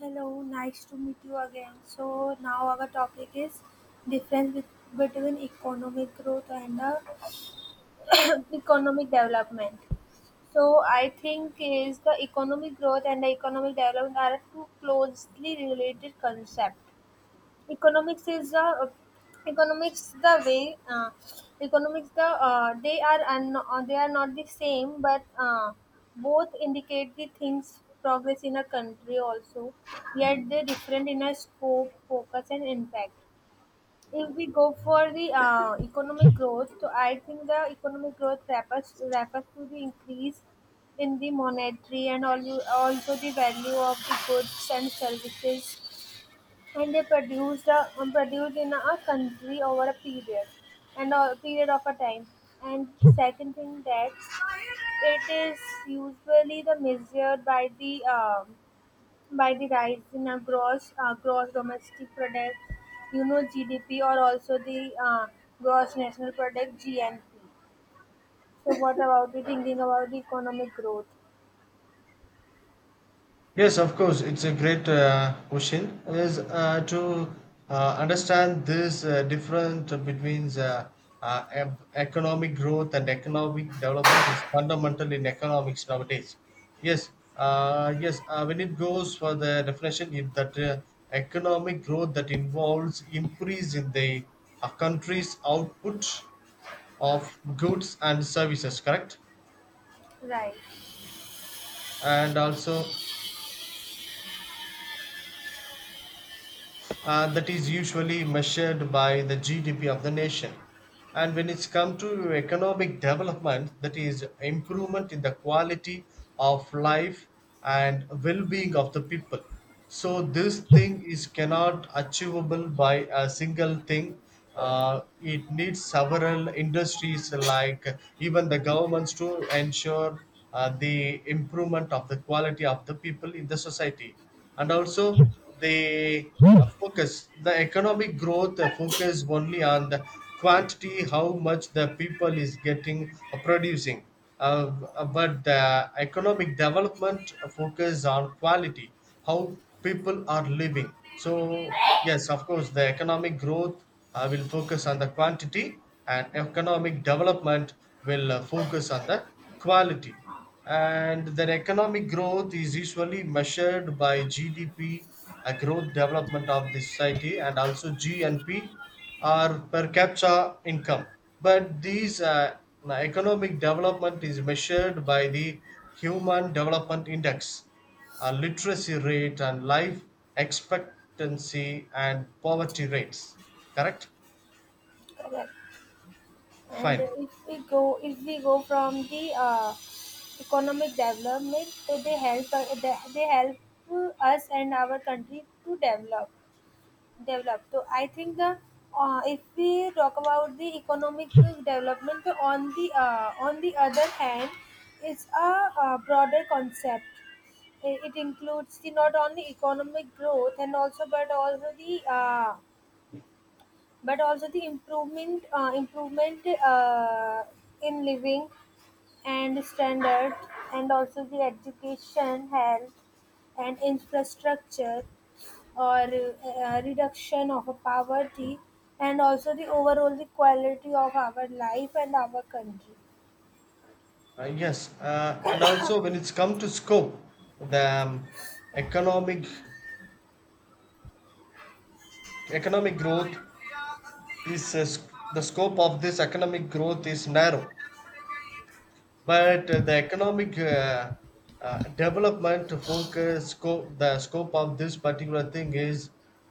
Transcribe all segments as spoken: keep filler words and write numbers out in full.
Hello, nice to meet you again. So now our topic is difference bet- between economic growth and the economic development. So I think is the economic growth and the economic development are two closely related concepts. Economics is the uh, economics the way uh, economics the uh, they are, and uh, they are not the same, but uh, both indicate the things progress in a country. Also yet they different in a scope, focus and impact. If we go for the uh, economic growth, so I think the economic growth refers refers to the increase in the monetary and al- also the value of the goods and services and they produced a, um, produced in a country over a period and a period of a time. And second thing, that it is usually the measured by the um, by the rise in a gross uh, gross domestic product, you know, GDP, or also the uh, gross national product, G N P. So what about you thinking about the economic growth? Yes, of course, it's a great uh, question. Is uh, to uh, Understand this uh, difference between the, uh, e- economic growth and economic development is fundamental in economics nowadays. Yes, uh, yes. Uh, when it goes for the definition, if that uh, economic growth that involves increase in the uh, country's output of goods and services, correct? Right. And also uh, that is usually measured by the G D P of the nation. And when it's come to economic development, that is improvement in the quality of life and well-being of the people. So this thing is cannot achievable by a single thing. Uh, it needs several industries like even the governments to ensure uh, the improvement of the quality of the people in the society and also they uh, focus the economic growth uh, focus only on the quantity how much the people is getting uh, producing uh, uh, but the economic development focus on quality how people are living so yes of course the economic growth uh, will focus on the quantity and economic development will uh, focus on the quality and their economic growth is usually measured by G D P, a growth development of the society, and also G N P, or per capita income. But these uh, economic development is measured by the Human Development Index, uh, literacy rate, and life expectancy and poverty rates. Correct? Correct. And Fine. if we go, if we go from the uh, economic development, so they help uh, they, they help us and our country to develop develop. So I think the uh, if we talk about the economic development, so on the uh, on the other hand, it's a, uh broader concept. It, it includes the not only economic growth and also but also the uh, but also the improvement uh, improvement uh, in living and standard, and also the education, health and infrastructure, or uh, reduction of a poverty, and also the overall the quality of our life and our country. Uh, yes, uh, and also when it's come to scope, the um, economic economic growth is uh, sc- the scope of this economic growth is narrow. But uh, the economic uh, uh, development focus scope the scope of this particular thing is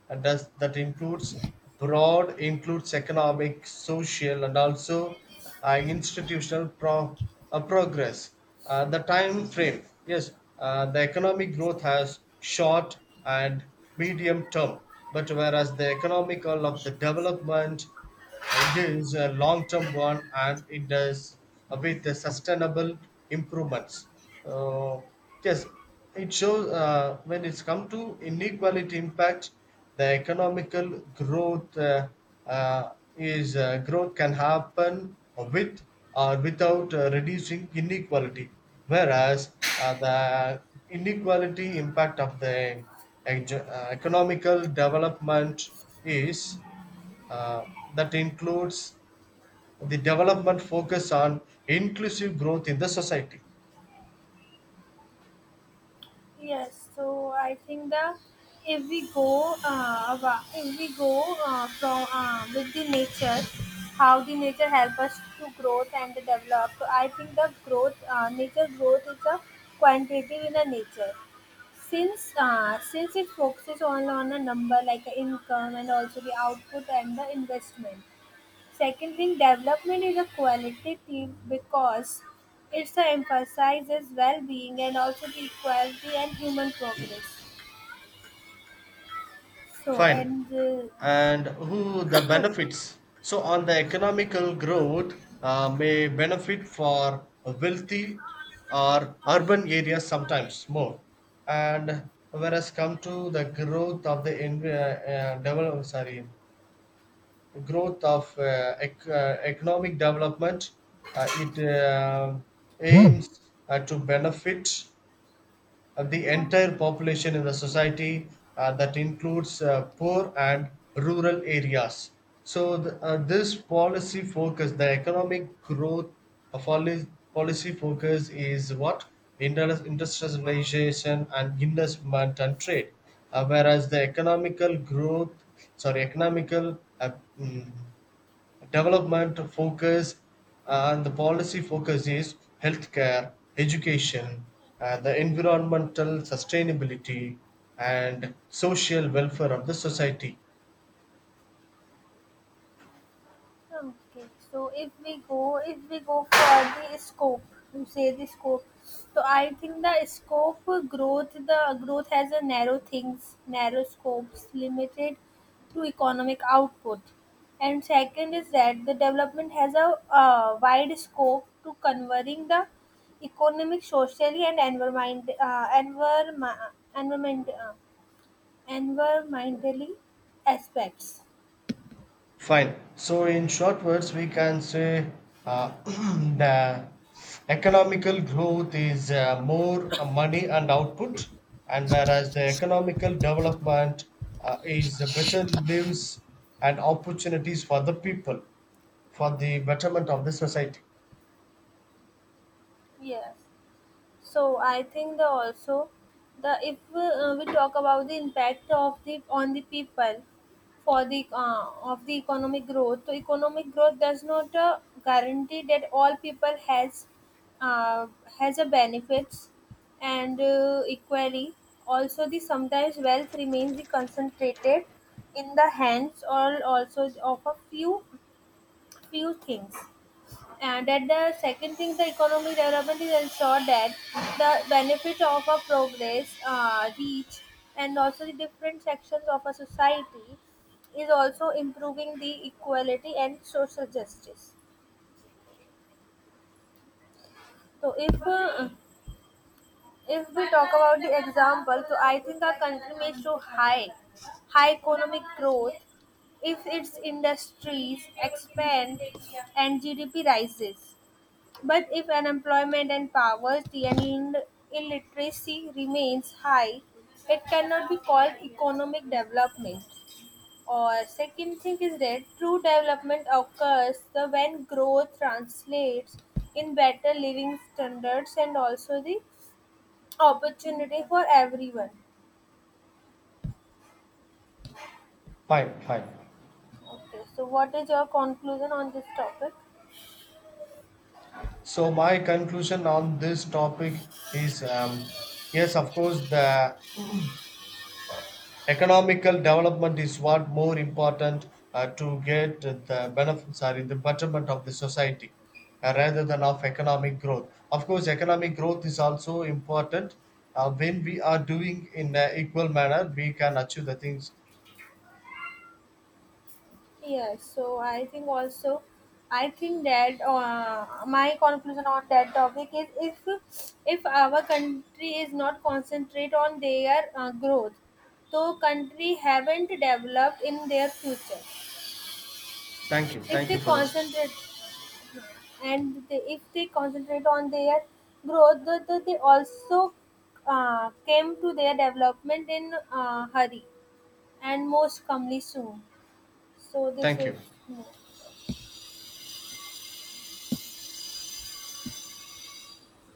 uh, does that includes broad includes economic, social, and also uh, institutional pro, uh, progress. Uh, the time frame yes, uh, the economic growth has short and medium term, but whereas the economical of the development uh, is a long term one and it does with the sustainable improvements. Uh, yes, it shows uh, when it's come to inequality impact, the economical growth uh, uh, is uh, growth can happen with or without uh, reducing inequality, whereas uh, the inequality impact of the ec- uh, economical development is uh, that includes the development focus on inclusive growth in the society. Yes, so I think the if we go uh, wa- if we go uh, from uh, with the nature, how the nature help us to growth and to develop. So I think the growth uh, nature growth is a quantitative in the nature. Since uh, since it focuses on on a number, like the income and also the output and the investment. Second thing, development is a quality theme because it emphasizes well-being, and also the equality and human progress. So, Fine. and uh, And who the benefits? So, on the economical growth, uh, may benefit for wealthy or urban areas sometimes more. And whereas come to the growth of the env- uh, uh, develop, sorry, growth of uh, ec- uh, economic development. Uh, it uh, aims uh, to benefit uh, the entire population in the society uh, that includes uh, poor and rural areas. So, the, uh, this policy focus, the economic growth of policy, policy focus is what? Inter- Industrialization and investment and trade. Uh, whereas the economical growth sorry economical uh, mm, development focus uh, and the policy focus is healthcare, education, uh, the environmental sustainability, and social welfare of the society. okay, so if we go, if we go for the scope, you say the scope. So I think the scope growth, the growth has a narrow things, narrow scopes, limited to economic output. And second is that the development has a uh, wide scope to converting the economic, socially, and environment, uh, environment, environment, uh, environmentally aspects. Fine. So, in short words, we can say uh, the economical growth is uh, more uh, money and output, and whereas the economical development uh, is uh, better lives and opportunities for the people, for the betterment of the society. Yes. So I think the also the if uh, we talk about the impact of the on the people for the uh, of the economic growth. So economic growth does not uh, guarantee that all people has uh, has a benefits and uh, equally. Also, the sometimes wealth remains the concentrated in the hands or also of a few few things. And at the second thing, the economic development is ensure that the benefit of a progress uh, reach and also the different sections of a society, is also improving the equality and social justice. So if uh, if we talk about the example, so I think our country may show high high economic growth if its industries expand and G D P rises. But if unemployment and poverty and ill- illiteracy remains high, it cannot be called economic development. Or second thing is that true development occurs the when growth translates in better living standards, and also the opportunity for everyone. Fine, fine. Okay, so what is your conclusion on this topic? So, my conclusion on this topic is um, yes, of course, the economical development is what more important uh, to get the benefits are in the betterment of the society uh, rather than of economic growth. Of course, economic growth is also important. Uh, when we are doing in an equal manner, we can achieve the things. Yes, so I think also, I think that uh, my conclusion on that topic is, if if our country is not concentrate on their uh, growth, so country haven't developed in their future. Thank you. If Thank they you for the session. concentrate, and they, if they concentrate on their growth, the, the, they also uh, came to their development in uh, hurry and most calmly soon. So this Thank you. is.